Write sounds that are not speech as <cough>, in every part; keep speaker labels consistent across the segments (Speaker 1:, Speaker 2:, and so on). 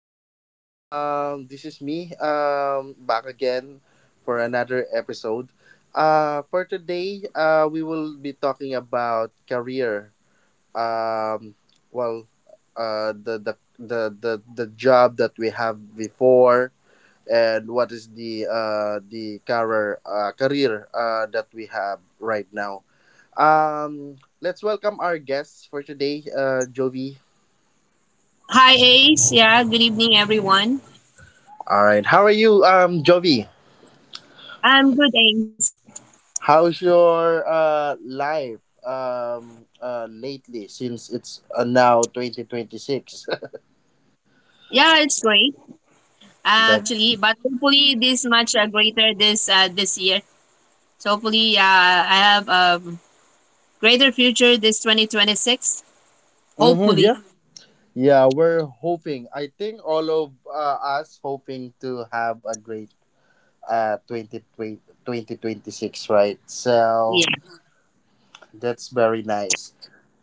Speaker 1: This is me, back again for another episode. For today, we will be talking about career. Um, well, the job that we have before, and what is the career career that we have right now. Um, let's welcome our guests for today, Jovi.
Speaker 2: Hi, Ace. Yeah, good evening, everyone.
Speaker 1: All right, how are you, Jovi?
Speaker 2: I'm good, Ace.
Speaker 1: How's your life, lately, since it's now 2026?
Speaker 2: Yeah, it's great
Speaker 1: <laughs>
Speaker 2: actually,
Speaker 1: That's,
Speaker 2: but hopefully this much greater this year. So hopefully, I have a greater future this 2026.
Speaker 1: mm-hmm,
Speaker 2: Hopefully,
Speaker 1: yeah. Yeah, we're hoping. I think all of us hoping to have a great uh 2020, 2026, right? So
Speaker 2: yeah,
Speaker 1: that's very nice.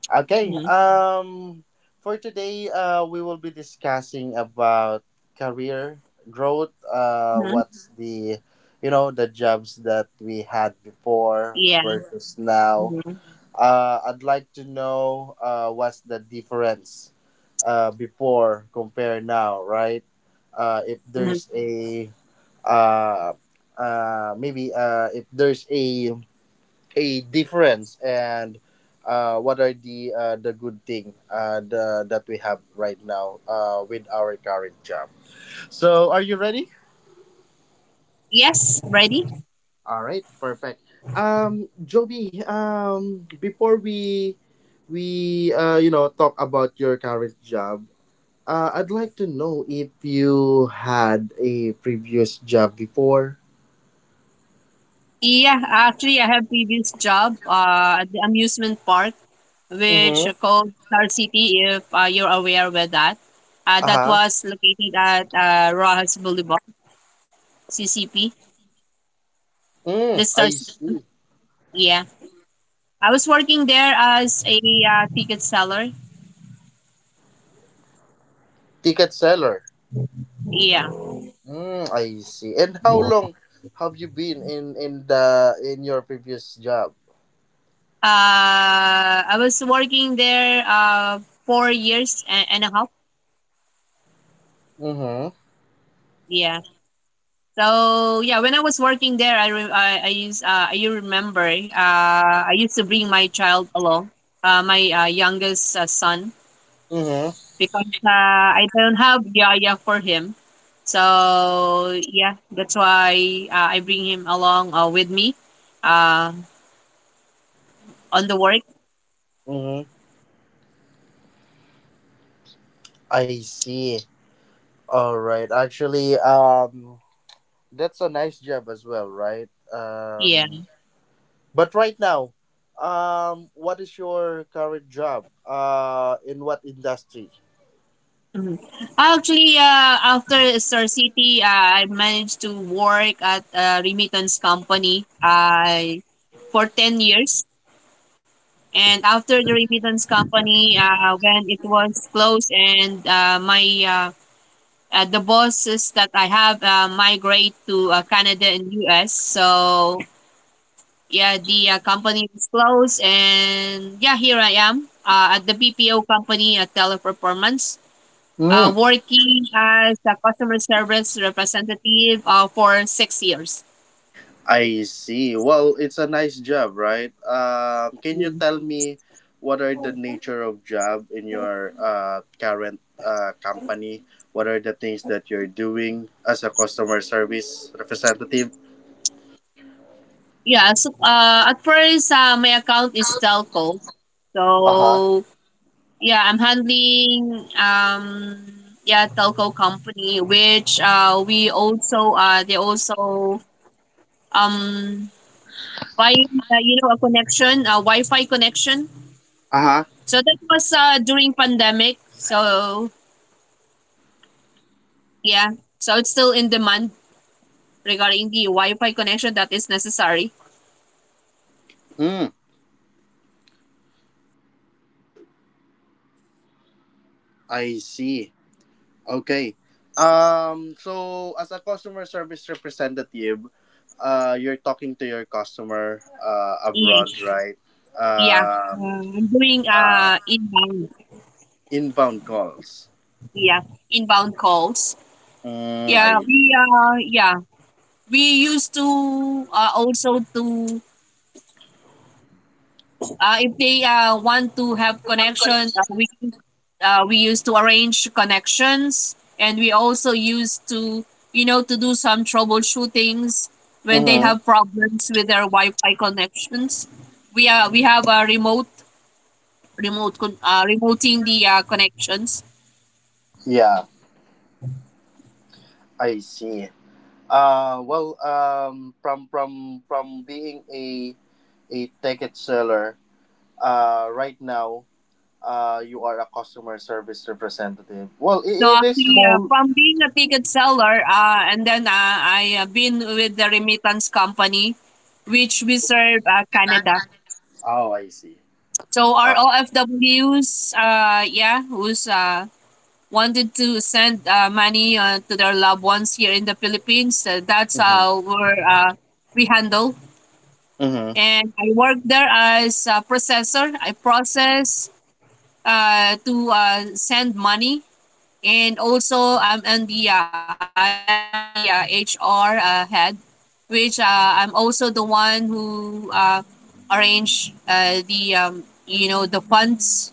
Speaker 1: Okay.
Speaker 2: hmm
Speaker 1: For today, we will be discussing about career growth.
Speaker 2: hmm
Speaker 1: What's you know, the jobs that we had before
Speaker 2: yeah,
Speaker 1: versus now.
Speaker 2: hmm
Speaker 1: I'd like to know what's the difference before compare now, right? Uh, if
Speaker 2: hmm
Speaker 1: there's a uh, if there's a difference and what are the good thing, that we have right now with our current job. So are you ready?
Speaker 2: yes, ready.
Speaker 1: All right, perfect. Joby, before we you know, talk about your current job, I'd like to know if you had a previous job before.
Speaker 2: Yeah, actually, I have previous job at the amusement park, which
Speaker 1: Mm-hmm.
Speaker 2: called Star City. If you're aware with that,
Speaker 1: Uh
Speaker 2: that
Speaker 1: huh.
Speaker 2: was located at Rojas Boulevard. CCP,
Speaker 1: Mm,
Speaker 2: the
Speaker 1: I
Speaker 2: Star
Speaker 1: see.
Speaker 2: City. Yeah. I was working there as a ticket seller.
Speaker 1: Ticket seller.
Speaker 2: Yeah.
Speaker 1: Mm, I see. And how long have you been in the in your previous job?
Speaker 2: I was working there 4 years and a half.
Speaker 1: Mm-hmm.
Speaker 2: Yeah. So yeah, when I was working there, I remember I used to bring my child along, my youngest son,
Speaker 1: Mm-hmm.
Speaker 2: because I don't have yaya for him. So yeah, that's why I bring him along with me uh, on the work.
Speaker 1: Mm-hmm. I see. All right. Actually, that's a nice job as well, right?
Speaker 2: Yeah.
Speaker 1: But right now, what is your current job? In what industry?
Speaker 2: Mhm. Actually, after Star City, I managed to work at a remittance company for 10 years. And after the remittance company, when it was closed and my the bosses that I have migrate to Canada and US. So yeah, the company was closed, and yeah, here I am at the BPO company at Teleperformance,
Speaker 1: Mm,
Speaker 2: working as a customer service representative for 6 years.
Speaker 1: I see. Well, it's a nice job, right? Can you
Speaker 2: Yeah,
Speaker 1: tell me what are the nature of job in your current company? What are the things that you're doing as a customer service representative?
Speaker 2: yeah so at first my account is telco.
Speaker 1: Uh huh.
Speaker 2: So yeah, I'm handling yeah telco company which we also they also um buying, you know, a connection, a Wi-Fi connection.
Speaker 1: Uh huh.
Speaker 2: So that was during pandemic. So yeah, so it's still in demand regarding the Wi-Fi connection that is necessary.
Speaker 1: Mm, I see. Okay. So, as a customer service representative, you're talking to your customer abroad,
Speaker 2: Yes,
Speaker 1: right?
Speaker 2: yeah.
Speaker 1: Um.
Speaker 2: I'm doing
Speaker 1: Uh,
Speaker 2: inbound,
Speaker 1: inbound calls.
Speaker 2: yeah, inbound calls.
Speaker 1: Mm,
Speaker 2: Yeah,
Speaker 1: I.
Speaker 2: we used to also to, if they want to have connection, we we used to arrange connections, and we also used to, you know, to do some troubleshootings when they have
Speaker 1: Mm-hmm.
Speaker 2: problems with their Wi-Fi connections. We have a remoting the connections.
Speaker 1: Yeah, I see. From from being a ticket seller, right now, you are a customer service representative. Well,
Speaker 2: So
Speaker 1: it is
Speaker 2: actually,
Speaker 1: small.
Speaker 2: from being a ticket seller, and then I been with the remittance company, which we serve, Canada.
Speaker 1: Oh, I see.
Speaker 2: So our
Speaker 1: Uh,
Speaker 2: OFWs, yeah, who's wanted to send money to their loved ones here in the Philippines. That's
Speaker 1: mm-hmm.
Speaker 2: how we're, we handle.
Speaker 1: Mm-hmm.
Speaker 2: And I work there as a processor. I process to send money. And also, I am the HR head, which I'm also the one who arrange you know, the funds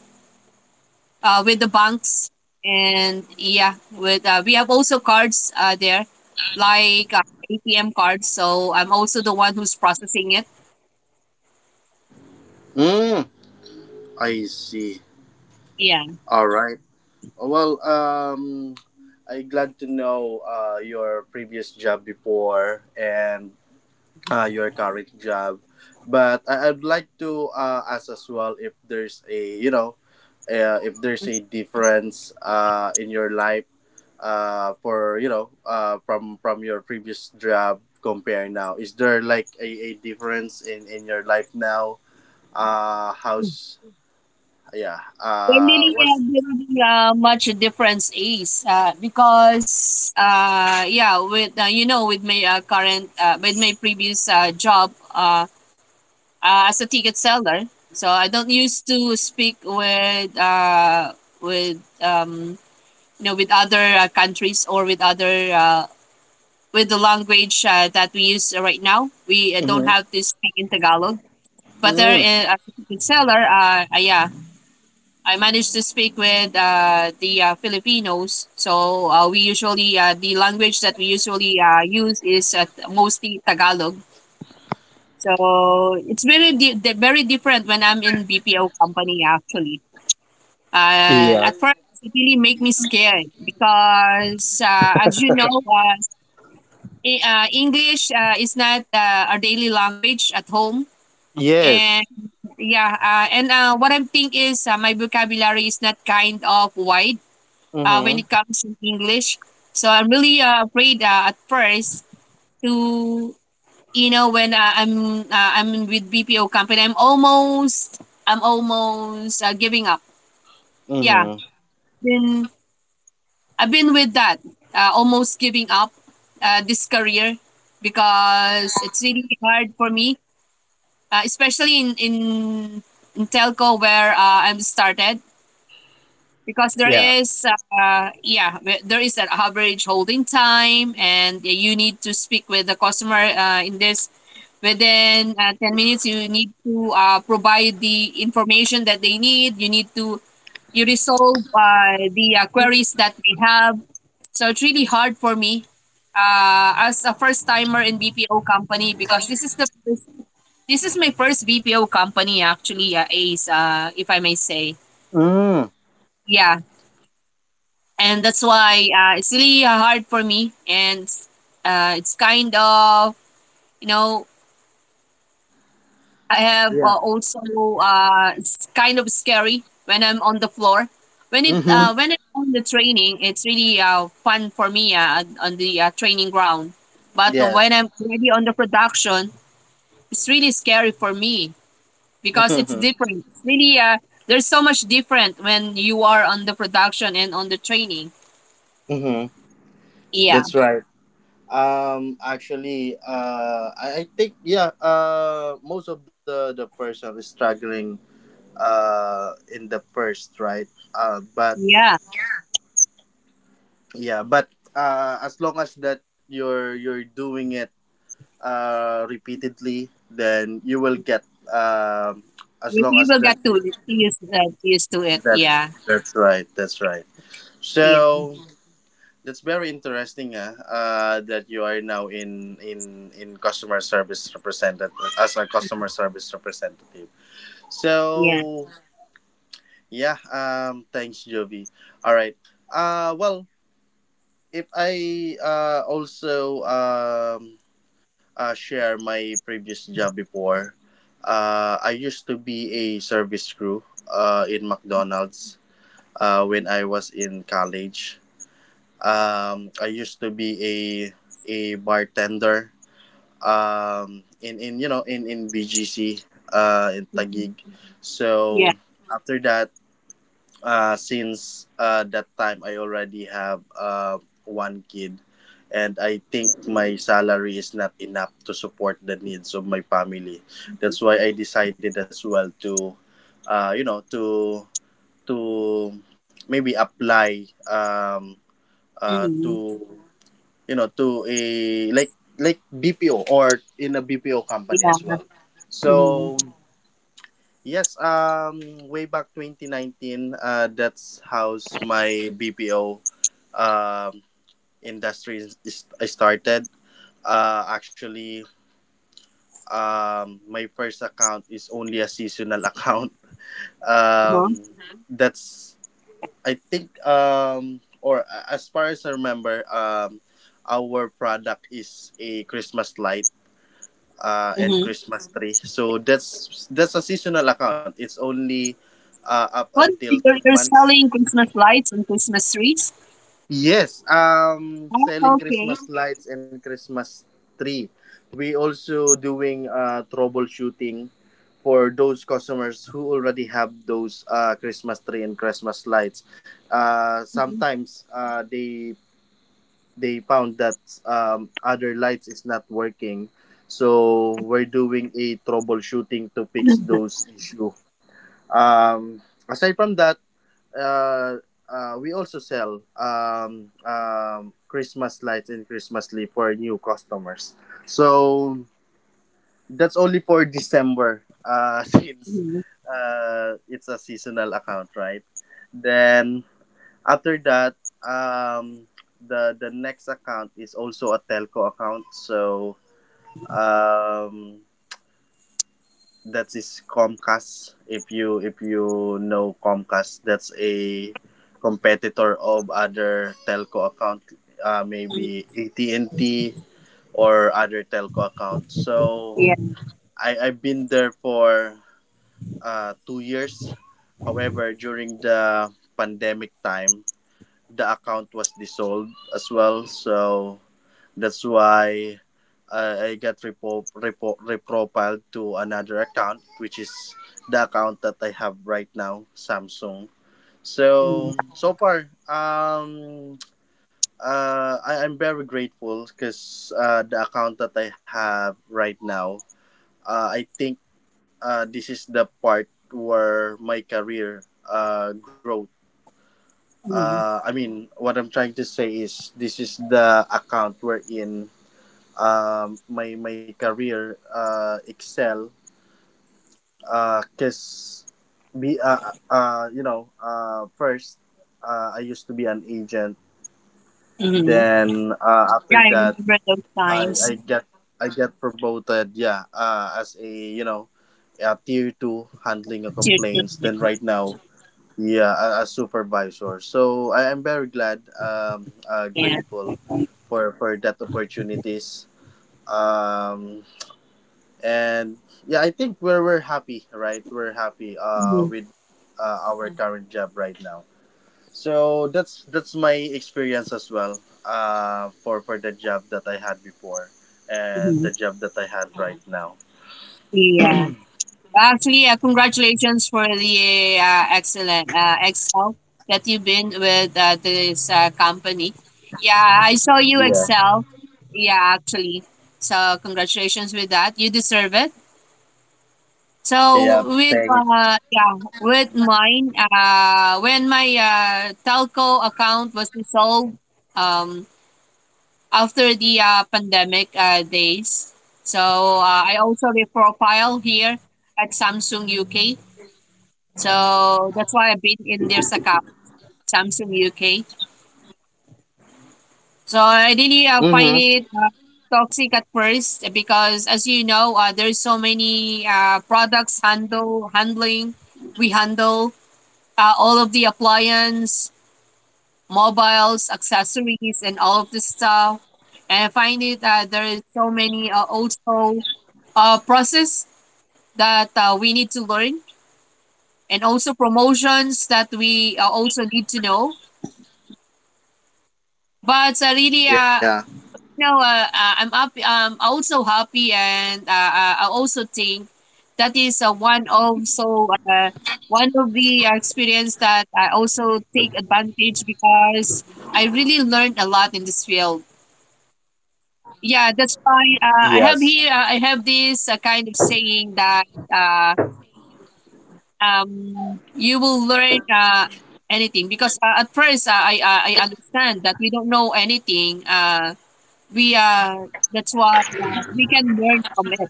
Speaker 2: with the banks, and yeah, with we have also cards there like ATM cards, so I'm also the one who's processing it.
Speaker 1: Mm, I see.
Speaker 2: Yeah,
Speaker 1: All right. Well, I glad to know your previous job before and your current job. But I'd like to ask as well if there's a, you know, if there's a difference in your life for you know, from your previous job comparing now. Is there like a difference in your life now? How's yeah?
Speaker 2: there
Speaker 1: Uh,
Speaker 2: really,
Speaker 1: what's
Speaker 2: much difference is because yeah, with, you know, with my current with my previous job as a ticket seller, so I don't used to speak with, with um, you know, with other countries or with other with the language that we use right now. We don't
Speaker 1: Mhm.
Speaker 2: have to speak in Tagalog. But there,
Speaker 1: Mm.
Speaker 2: as a ticket seller, yeah, I managed to speak with the Filipinos. So we usually, the language that we usually use is mostly Tagalog. So it's very different when I'm in BPO company actually.
Speaker 1: Yes,
Speaker 2: At first, it really make me scared because, as you know, English is not our daily language at home. And
Speaker 1: yes,
Speaker 2: yeah, and what I think is my vocabulary is not kind of wide when
Speaker 1: mm-hmm.
Speaker 2: it comes to English. So I'm really afraid at first to, you know, when I'm with BPO company, I'm almost giving up. Yeah,
Speaker 1: Mm-hmm.
Speaker 2: been I've been with that almost giving up this career because it's really hard for me, especially in telco where I'm started because there
Speaker 1: Yeah,
Speaker 2: is there is an average holding time, and you need to speak with the customer in this within 10 minutes. You need to provide the information that they need. You need to you resolve the queries that they have, so it's really hard for me as a first timer in BPO company because this is my first BPO company actually, Ace, if I may say.
Speaker 1: mm.
Speaker 2: Yeah. And that's why it's really hard for me. And it's kind of, you know, I have
Speaker 1: Yeah,
Speaker 2: it's kind of scary when I'm on the floor. When it
Speaker 1: mm-hmm.
Speaker 2: uh, when I'm on the training, it's really fun for me on the training ground. But when
Speaker 1: Yes.
Speaker 2: I'm already on the production, it's really scary for me
Speaker 1: <laughs>
Speaker 2: because
Speaker 1: mm-hmm.
Speaker 2: it's different. Really, there's so much different when you are on the production and on the training. Yeah,
Speaker 1: That's right. Actually, I think yeah. Most of the person is struggling. In the first, right? But
Speaker 2: yeah.
Speaker 1: yeah, but as long as that you're doing it repeatedly, then you will get um. as
Speaker 2: You,
Speaker 1: long
Speaker 2: you
Speaker 1: as
Speaker 2: will
Speaker 1: that
Speaker 2: get to used to it.
Speaker 1: that
Speaker 2: Yeah,
Speaker 1: that's right, that's right.
Speaker 2: yeah,
Speaker 1: So that's very interesting, that you are now in in customer service representative as a customer service representative. So
Speaker 2: yeah,
Speaker 1: yeah, thanks, Jovi. All right. Well, if I also share my previous job before. I used to be a service crew in McDonald's when I was in college. I used to be a bartender, in you know in BGC, in
Speaker 2: mhm,
Speaker 1: Taguig.
Speaker 2: yeah,
Speaker 1: So after that, since that time, I already have one kid, and I think my salary is not enough to support the needs of my family. That's why I decided as well to, you know, to maybe apply,
Speaker 2: hmm,
Speaker 1: to you know, to a, like like BPO or in a BPO company as
Speaker 2: yeah,
Speaker 1: well.
Speaker 2: hmm,
Speaker 1: So yes, way back 2019, that's how's my BPO um industry is started. Actually, my first account is only a seasonal <laughs> account.
Speaker 2: uh-huh,
Speaker 1: Um, that's I think or as far as I remember our product is a Christmas light and
Speaker 2: hmm.
Speaker 1: Christmas tree. So that's a seasonal account. It's only up
Speaker 2: What,
Speaker 1: until three
Speaker 2: you're
Speaker 1: months.
Speaker 2: selling Christmas lights and Christmas trees?
Speaker 1: Yes,
Speaker 2: Oh,
Speaker 1: selling
Speaker 2: okay.
Speaker 1: Christmas lights and Christmas tree. We also doing troubleshooting for those customers who already have those Christmas tree and Christmas lights.
Speaker 2: Mm-hmm.
Speaker 1: Sometimes they found that, other lights is not working, so we're doing a troubleshooting to fix
Speaker 2: <laughs>
Speaker 1: those issue. Um, aside from that, uh, we also sell christmas lights and christmas leaf for new customers, so that's only for december, <laughs> since it's a seasonal account, right? Then after that, um, the the next account is also a telco account. So, um, that is Comcast. If you know Comcast, that's a competitor of other telco account. Maybe AT&T or other telco accounts. So
Speaker 2: Yeah.
Speaker 1: I've been there for 2 years. However, during the pandemic time, the account was dissolved as well. So that's why I got reprofiled to another account, which is the account that I have right now, Samsung. So
Speaker 2: Mm-hmm.
Speaker 1: so far, I'm very grateful because the account that I have right now, I think this is the part where my career growth, I mean, what I'm trying to say is this is the account wherein, my my career excel because be you know, first, I used to be an agent.
Speaker 2: Hmm.
Speaker 1: Then
Speaker 2: Yeah,
Speaker 1: after
Speaker 2: I
Speaker 1: that,
Speaker 2: remember those
Speaker 1: I I
Speaker 2: times.
Speaker 1: get I get promoted. Yeah, as a, you know, a tier two handling of
Speaker 2: Cheers to
Speaker 1: complaints. Then
Speaker 2: them.
Speaker 1: right now, yeah, a supervisor. So I am very glad,
Speaker 2: Yeah.
Speaker 1: grateful
Speaker 2: Mm-hmm.
Speaker 1: for that opportunities. Um, and yeah, I think we're happy, right? We're happy, with our current job right now. So that's my experience as well. For for the job that I had before and
Speaker 2: Mm-hmm.
Speaker 1: the job that I had right now.
Speaker 2: Yeah. Actually, congratulations for the Excel that you've been with this company. Yeah, I saw you
Speaker 1: Yeah.
Speaker 2: Excel. Yeah, actually. So congratulations with that. You deserve it. So
Speaker 1: Yeah.
Speaker 2: with,
Speaker 1: Thanks.
Speaker 2: yeah, with mine, when my telco account was dissolved, um, after the pandemic days, so I also reprofile here at Samsung UK. So that's why I've been in their account, Samsung UK. So I really find
Speaker 1: Mhm.
Speaker 2: it toxic at first because, as you know, there is so many products handle handling. We handle all of the appliance, mobiles, accessories, and all of this stuff. And I find it that there is so many also process that we need to learn, and also promotions that we also need to know. But
Speaker 1: Yeah.
Speaker 2: you know, I'm up. Also happy, and I also think that is one of the experience that I also take advantage because I really learned a lot in this field. Yeah, that's why I have
Speaker 1: Yes.
Speaker 2: here. I have this kind of saying that uh, you will learn anything because at first I understand that we don't know anything. We That's why we can learn from it,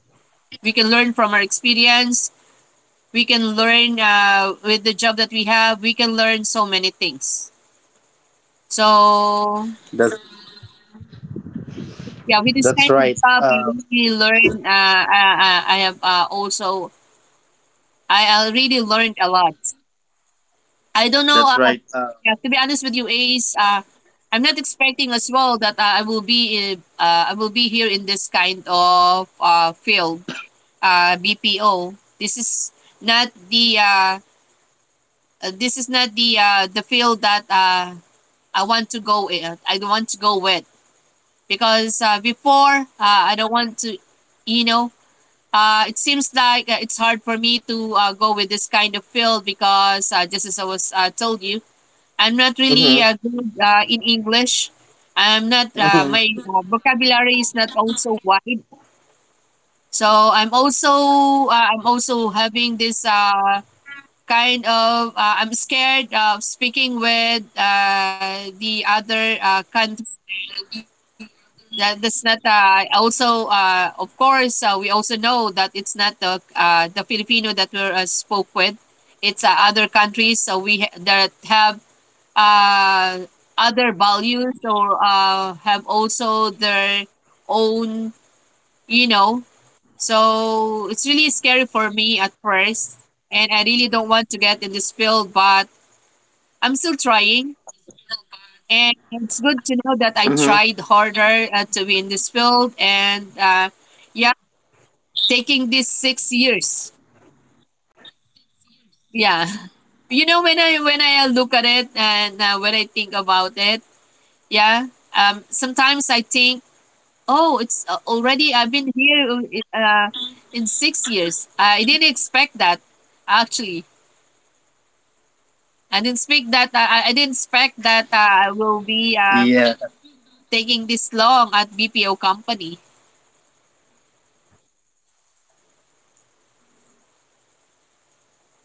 Speaker 2: we can learn from our experience, we can learn with the job that we have, we can learn so many things, so
Speaker 1: That's
Speaker 2: yeah, with this kind of job, I
Speaker 1: that's right.
Speaker 2: really learn I have also I really learned a lot. I don't know, yeah, to be
Speaker 1: That's
Speaker 2: honest
Speaker 1: right.
Speaker 2: with you, Ace, I'm not expecting as well that I will be here in this kind of field, BPO. Not the uh, this is not the the field that I want to go in. I don't want to go with because before I don't want to, you know. It seems like it's hard for me to go with this kind of field because just as I was told you, I'm not really good in
Speaker 1: Mhm.
Speaker 2: English. I'm not My vocabulary is not
Speaker 1: Mhm.
Speaker 2: also wide. So I'm also having this kind of, I'm scared of speaking with the other country. That's not also of course, we also know that it's not the Filipino that we spoke with. It's other countries, so that have uh, other values or have also their own, you know. So it's really scary for me at first, and I really don't want to get in this field, but I'm still trying, and it's good to know that I tried harder to be in this field, and yeah, taking these 6 years. Yeah, <laughs> you know, when I look at it, and when I think about it, yeah. Sometimes I think, oh, it's already I've been here uh, in 6 years. I didn't expect that, actually. I
Speaker 1: Yeah.
Speaker 2: didn't speak that. I didn't expect that I will be taking this long at BPO company.
Speaker 1: Well, how long have you been in this BPO?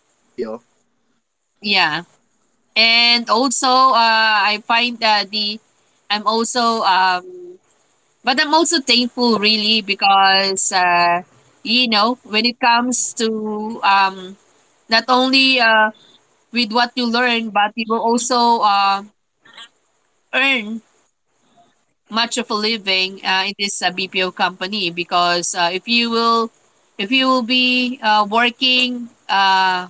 Speaker 2: Yeah, and also I find that the I'm also but I'm also thankful really because you know when it comes to, not only with what you learn, but you will also earn much of a living in this BPO company because if you will be working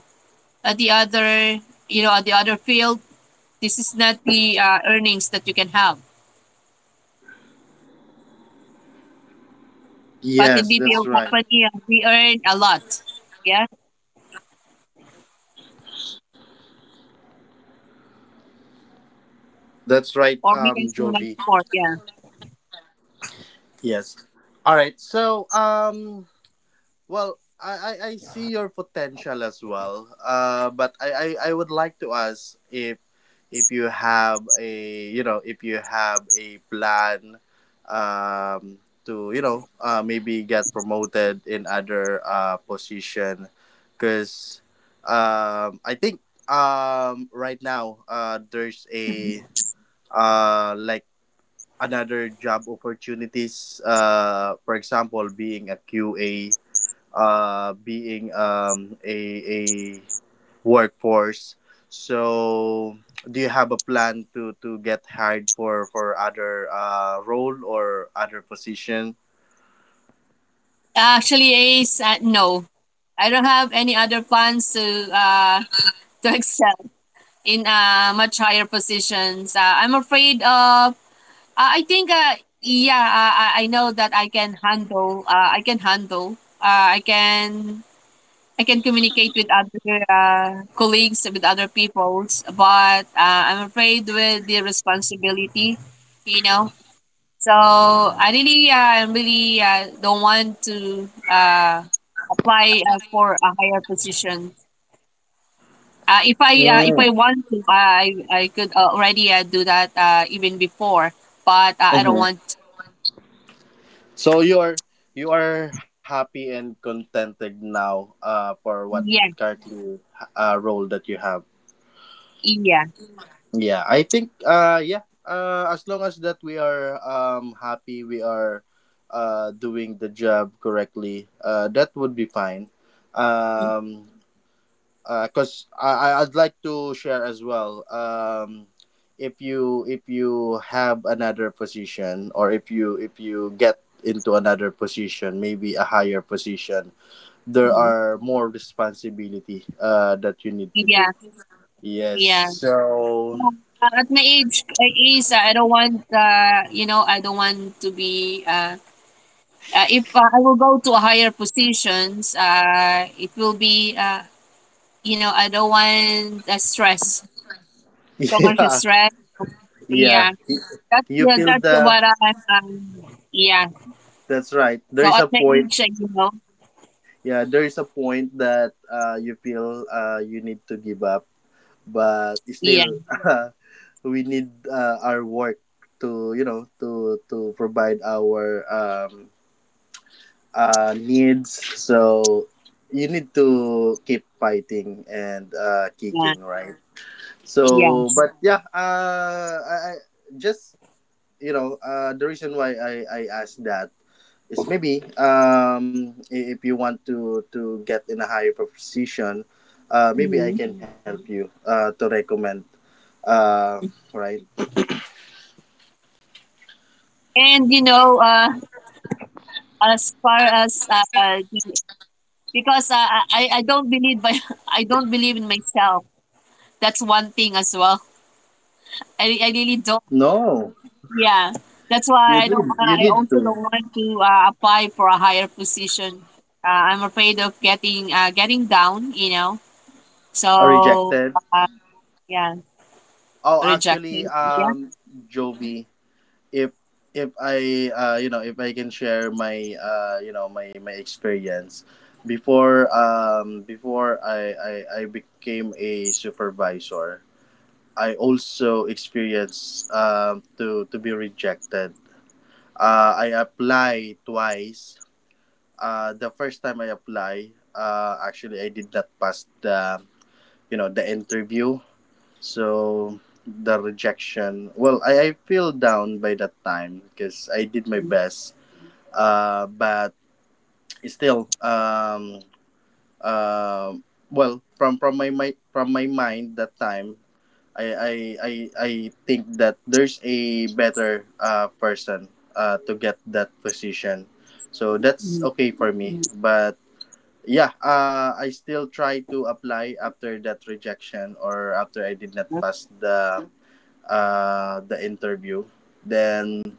Speaker 2: at the other you know at the other field. This is not the earnings that you can have.
Speaker 1: Yes,
Speaker 2: But in
Speaker 1: that's
Speaker 2: BPO
Speaker 1: right.
Speaker 2: company, we earn a lot. Yeah.
Speaker 1: That's right.
Speaker 2: Or we can spend
Speaker 1: Jovi.
Speaker 2: much more. Yeah.
Speaker 1: Yes. All right. So, well, I see your potential as well. I would like to ask if you have a, you know, if you have a plan, um to you know, maybe get promoted in other position, because, I think, right now, there's
Speaker 2: Mhm.
Speaker 1: a uh like another job opportunities, for example, being a QA, being, a workforce. So, do you have a plan to get hired for other role or other position?
Speaker 2: Actually, Ace, no. I don't have any other plans to <laughs> to excel in much higher positions. I'm afraid of. I think. Yeah. I know that I can handle. I can handle. Uh, I can I can communicate with other colleagues, with other peoples, but I'm afraid with the responsibility, you know. So I really, I really don't want to apply for a higher position. If
Speaker 1: Mm,
Speaker 2: I want to, I could already do that even before, but I
Speaker 1: mhm.
Speaker 2: don't want.
Speaker 1: So you are happy and contented now for what
Speaker 2: Yeah,
Speaker 1: currently role that you have.
Speaker 2: yeah,
Speaker 1: Yeah, I think as long as that we are happy, we are doing the job correctly, that would be fine. Um cuz I'd like to share as well. If you have another position or if you get into another position, maybe a higher position, there
Speaker 2: Mhm.
Speaker 1: are more responsibility that you need to do.
Speaker 2: yeah,
Speaker 1: Yes.
Speaker 2: yeah.
Speaker 1: So
Speaker 2: At my age, at least I don't want, you know, I don't want to be. If I will go to a higher positions, it will be, you know, I don't want stress,
Speaker 1: <laughs>
Speaker 2: so much
Speaker 1: yeah,
Speaker 2: stress.
Speaker 1: yeah,
Speaker 2: Yeah,
Speaker 1: you feel
Speaker 2: that's
Speaker 1: the.
Speaker 2: what I'm. Yeah.
Speaker 1: That's right. There
Speaker 2: So
Speaker 1: is
Speaker 2: at
Speaker 1: a
Speaker 2: my
Speaker 1: point.
Speaker 2: age, you know,
Speaker 1: Yeah, there is a point that you feel you need to give up, but
Speaker 2: yeah,
Speaker 1: still, <laughs> we need our work to you know, to provide our needs. So you need to keep fighting and
Speaker 2: yeah,
Speaker 1: kicking, right? So,
Speaker 2: yes.
Speaker 1: but yeah, I just you know, the reason why I asked that is maybe, if you want to get in a higher position, maybe I
Speaker 2: Hmm.
Speaker 1: can help Mhm. you to recommend. Uh, right?
Speaker 2: And you know, as far as the- because I don't believe by <laughs> I don't believe in myself. That's one thing as well. I really don't.
Speaker 1: No,
Speaker 2: Yeah,
Speaker 1: you
Speaker 2: that's
Speaker 1: do.
Speaker 2: why
Speaker 1: You
Speaker 2: I don't.
Speaker 1: need
Speaker 2: Wanna-
Speaker 1: to.
Speaker 2: I also don't want to apply for a higher position. I'm afraid of getting getting down. You know. So
Speaker 1: Rejected.
Speaker 2: uh, yeah,
Speaker 1: Oh, actually,
Speaker 2: rejected. Yeah.
Speaker 1: Joby. if if I you know, if I can share my, you know, my experience before, before I became a supervisor, I also experienced to be rejected. I applied twice. The first time I apply, actually, I did not pass the, you know, the interview. So the rejection, well, I feel down by that time because I did my best, uh, but still um, uh, well from my from my mind that time, I I I, I think that there's a better person to get that position, so
Speaker 2: Mhm.
Speaker 1: that's okay for me Mm. but yeah, I still try to apply after that rejection or after I did not pass the interview. Then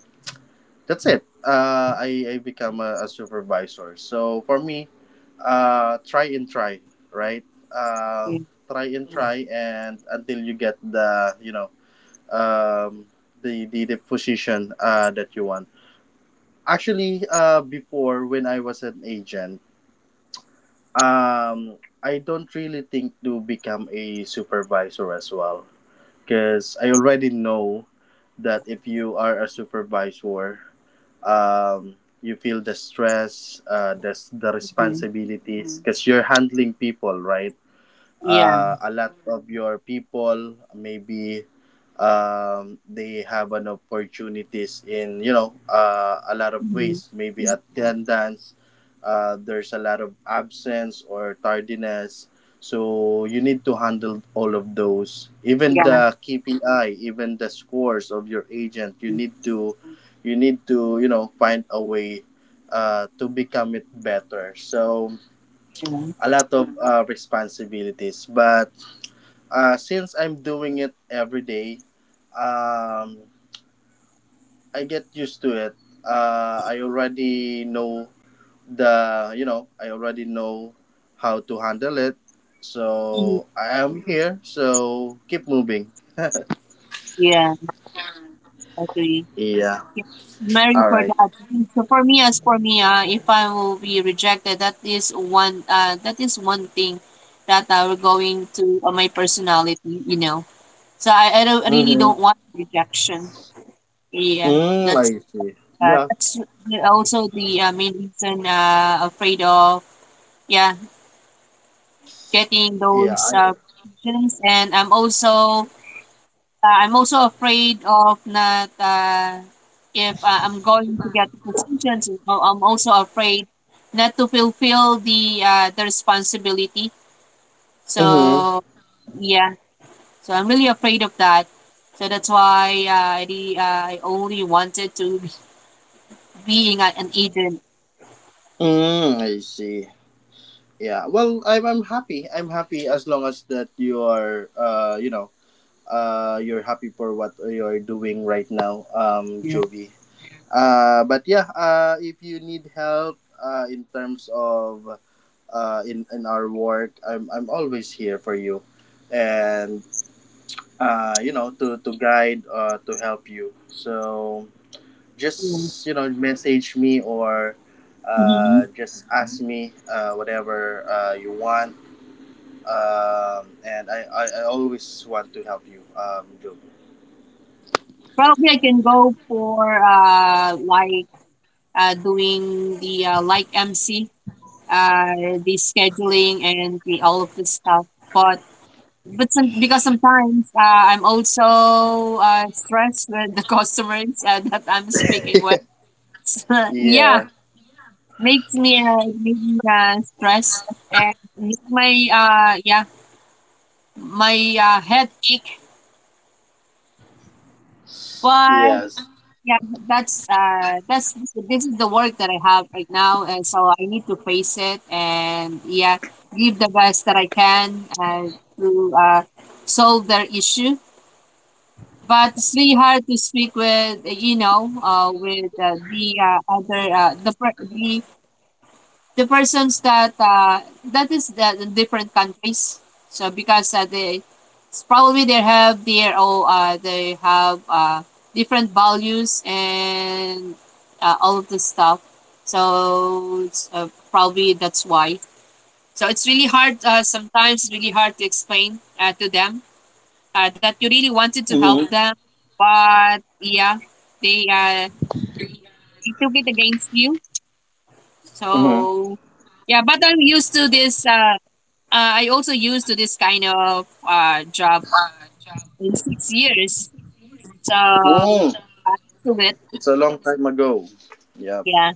Speaker 1: that's it. I become a supervisor. So for me, try and try, right? Uh, try and try, and until you get the, you know, um, the position that you want. Actually, before, when I was an agent, um, I don't really think to become a supervisor as well, because I already know that if you are a supervisor, you feel the stress, the
Speaker 2: Mhm.
Speaker 1: responsibilities, because you're handling people, right?
Speaker 2: Yeah.
Speaker 1: A lot of your people maybe, they have an opportunities in, you know, a lot of
Speaker 2: Mhm.
Speaker 1: ways, maybe attendance, there's a lot of absence or tardiness, so you need to handle all of those, even
Speaker 2: Yeah.
Speaker 1: the kpi, even the scores of your agent, you need to, you need to, you know, find a way to become it better. So
Speaker 2: Yeah.
Speaker 1: a lot of responsibilities. But since I'm doing it every day, um, I get used to it. I already know the, you know, I already know how to handle it.
Speaker 2: Mhm.
Speaker 1: So I am here. So keep moving.
Speaker 2: Yeah. Agree.
Speaker 1: Yeah.
Speaker 2: Yeah, marry
Speaker 1: All
Speaker 2: for
Speaker 1: right.
Speaker 2: that. So for me, as for me, if I will be rejected, that is one. That is one thing that I will going to my personality. You know, so I don't I really
Speaker 1: Mm-hmm.
Speaker 2: don't want rejection. Yeah,
Speaker 1: Mm,
Speaker 2: that's
Speaker 1: I see. Yeah.
Speaker 2: that's also the main reason. Afraid of, yeah, getting
Speaker 1: Yeah.
Speaker 2: those
Speaker 1: I.
Speaker 2: rejections, and I'm also afraid of not if I'm going to get the positions. You know, I'm also afraid not to fulfill the responsibility. So
Speaker 1: Mm-hmm.
Speaker 2: yeah, so I'm really afraid of that. So that's why I only wanted to be being a- an agent.
Speaker 1: Mm, I see. Yeah. Well, I'm happy. I'm happy as long as that you are you know, you're happy for what you're doing right now,
Speaker 2: Yeah.
Speaker 1: Jovi. If you need help in terms of, in our work, I'm always here for you, and you know, to guide, to help you. So just, you know, message me or
Speaker 2: Mm-hmm.
Speaker 1: just ask me whatever you want. I always want to help you, Jovi.
Speaker 2: Probably I can go for like doing the like MC uh, the scheduling and the all of this stuff. But but because sometimes I'm also stressed with the <laughs> customers that I'm speaking with. <laughs> Yeah,
Speaker 1: Yeah.
Speaker 2: makes me stress and make my uh yeah my head ache. But
Speaker 1: Yes.
Speaker 2: yeah, that's this is the work that I have right now, and so I need to face it and yeah, give the best that I can to solve their issue. But it's really hard to speak with, you know, with the other the per- the persons that that is the different countries. So because they it's probably they have their they have different values and all of this stuff.
Speaker 1: Yeah.
Speaker 2: So it's, probably that's why. So it's really hard. Sometimes it's really hard to explain to them
Speaker 1: Mm-hmm.
Speaker 2: that you really wanted to help them, but yeah, they uh, they took it against you.
Speaker 1: Mm-hmm.
Speaker 2: So yeah, but I'm used to this I also used to this kind of job in 6 years. So I'm
Speaker 1: Mm.
Speaker 2: to it.
Speaker 1: It's a long time ago. Yep.
Speaker 2: Yeah.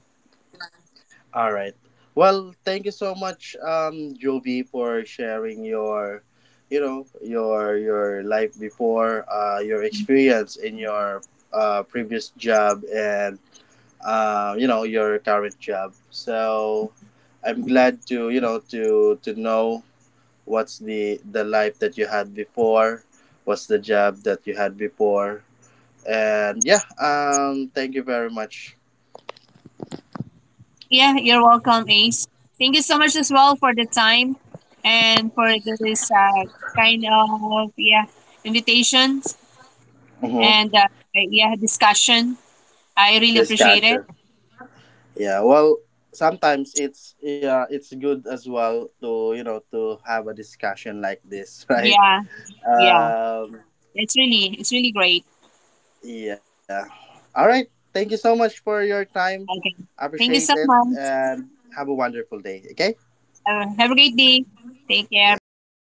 Speaker 1: All right. Well, thank you so much, Jovi, for sharing your, you know, your life before, your experience in your previous job and, you know, your current job. So, I'm glad to, you know, to know what's the life that you had before, what's the job that you had before. And yeah, thank you very much.
Speaker 2: Yeah, you're welcome, Ace. Thank you so much as well for the time and for this kind of, yeah, invitations
Speaker 1: Mm-hmm.
Speaker 2: and yeah, discussion. I really
Speaker 1: This
Speaker 2: appreciate it.
Speaker 1: character, yeah, well, sometimes it's yeah, it's good as well to, you know, to have a discussion like this, <laughs> right?
Speaker 2: Yeah, yeah.
Speaker 1: um
Speaker 2: It's really great.
Speaker 1: yeah. All right, thank you so much for your time.
Speaker 2: Okay.
Speaker 1: I
Speaker 2: Thank you so
Speaker 1: appreciate it,
Speaker 2: much.
Speaker 1: and have a wonderful day, okay?
Speaker 2: Have a great day. Take care. Bye.
Speaker 1: Yeah.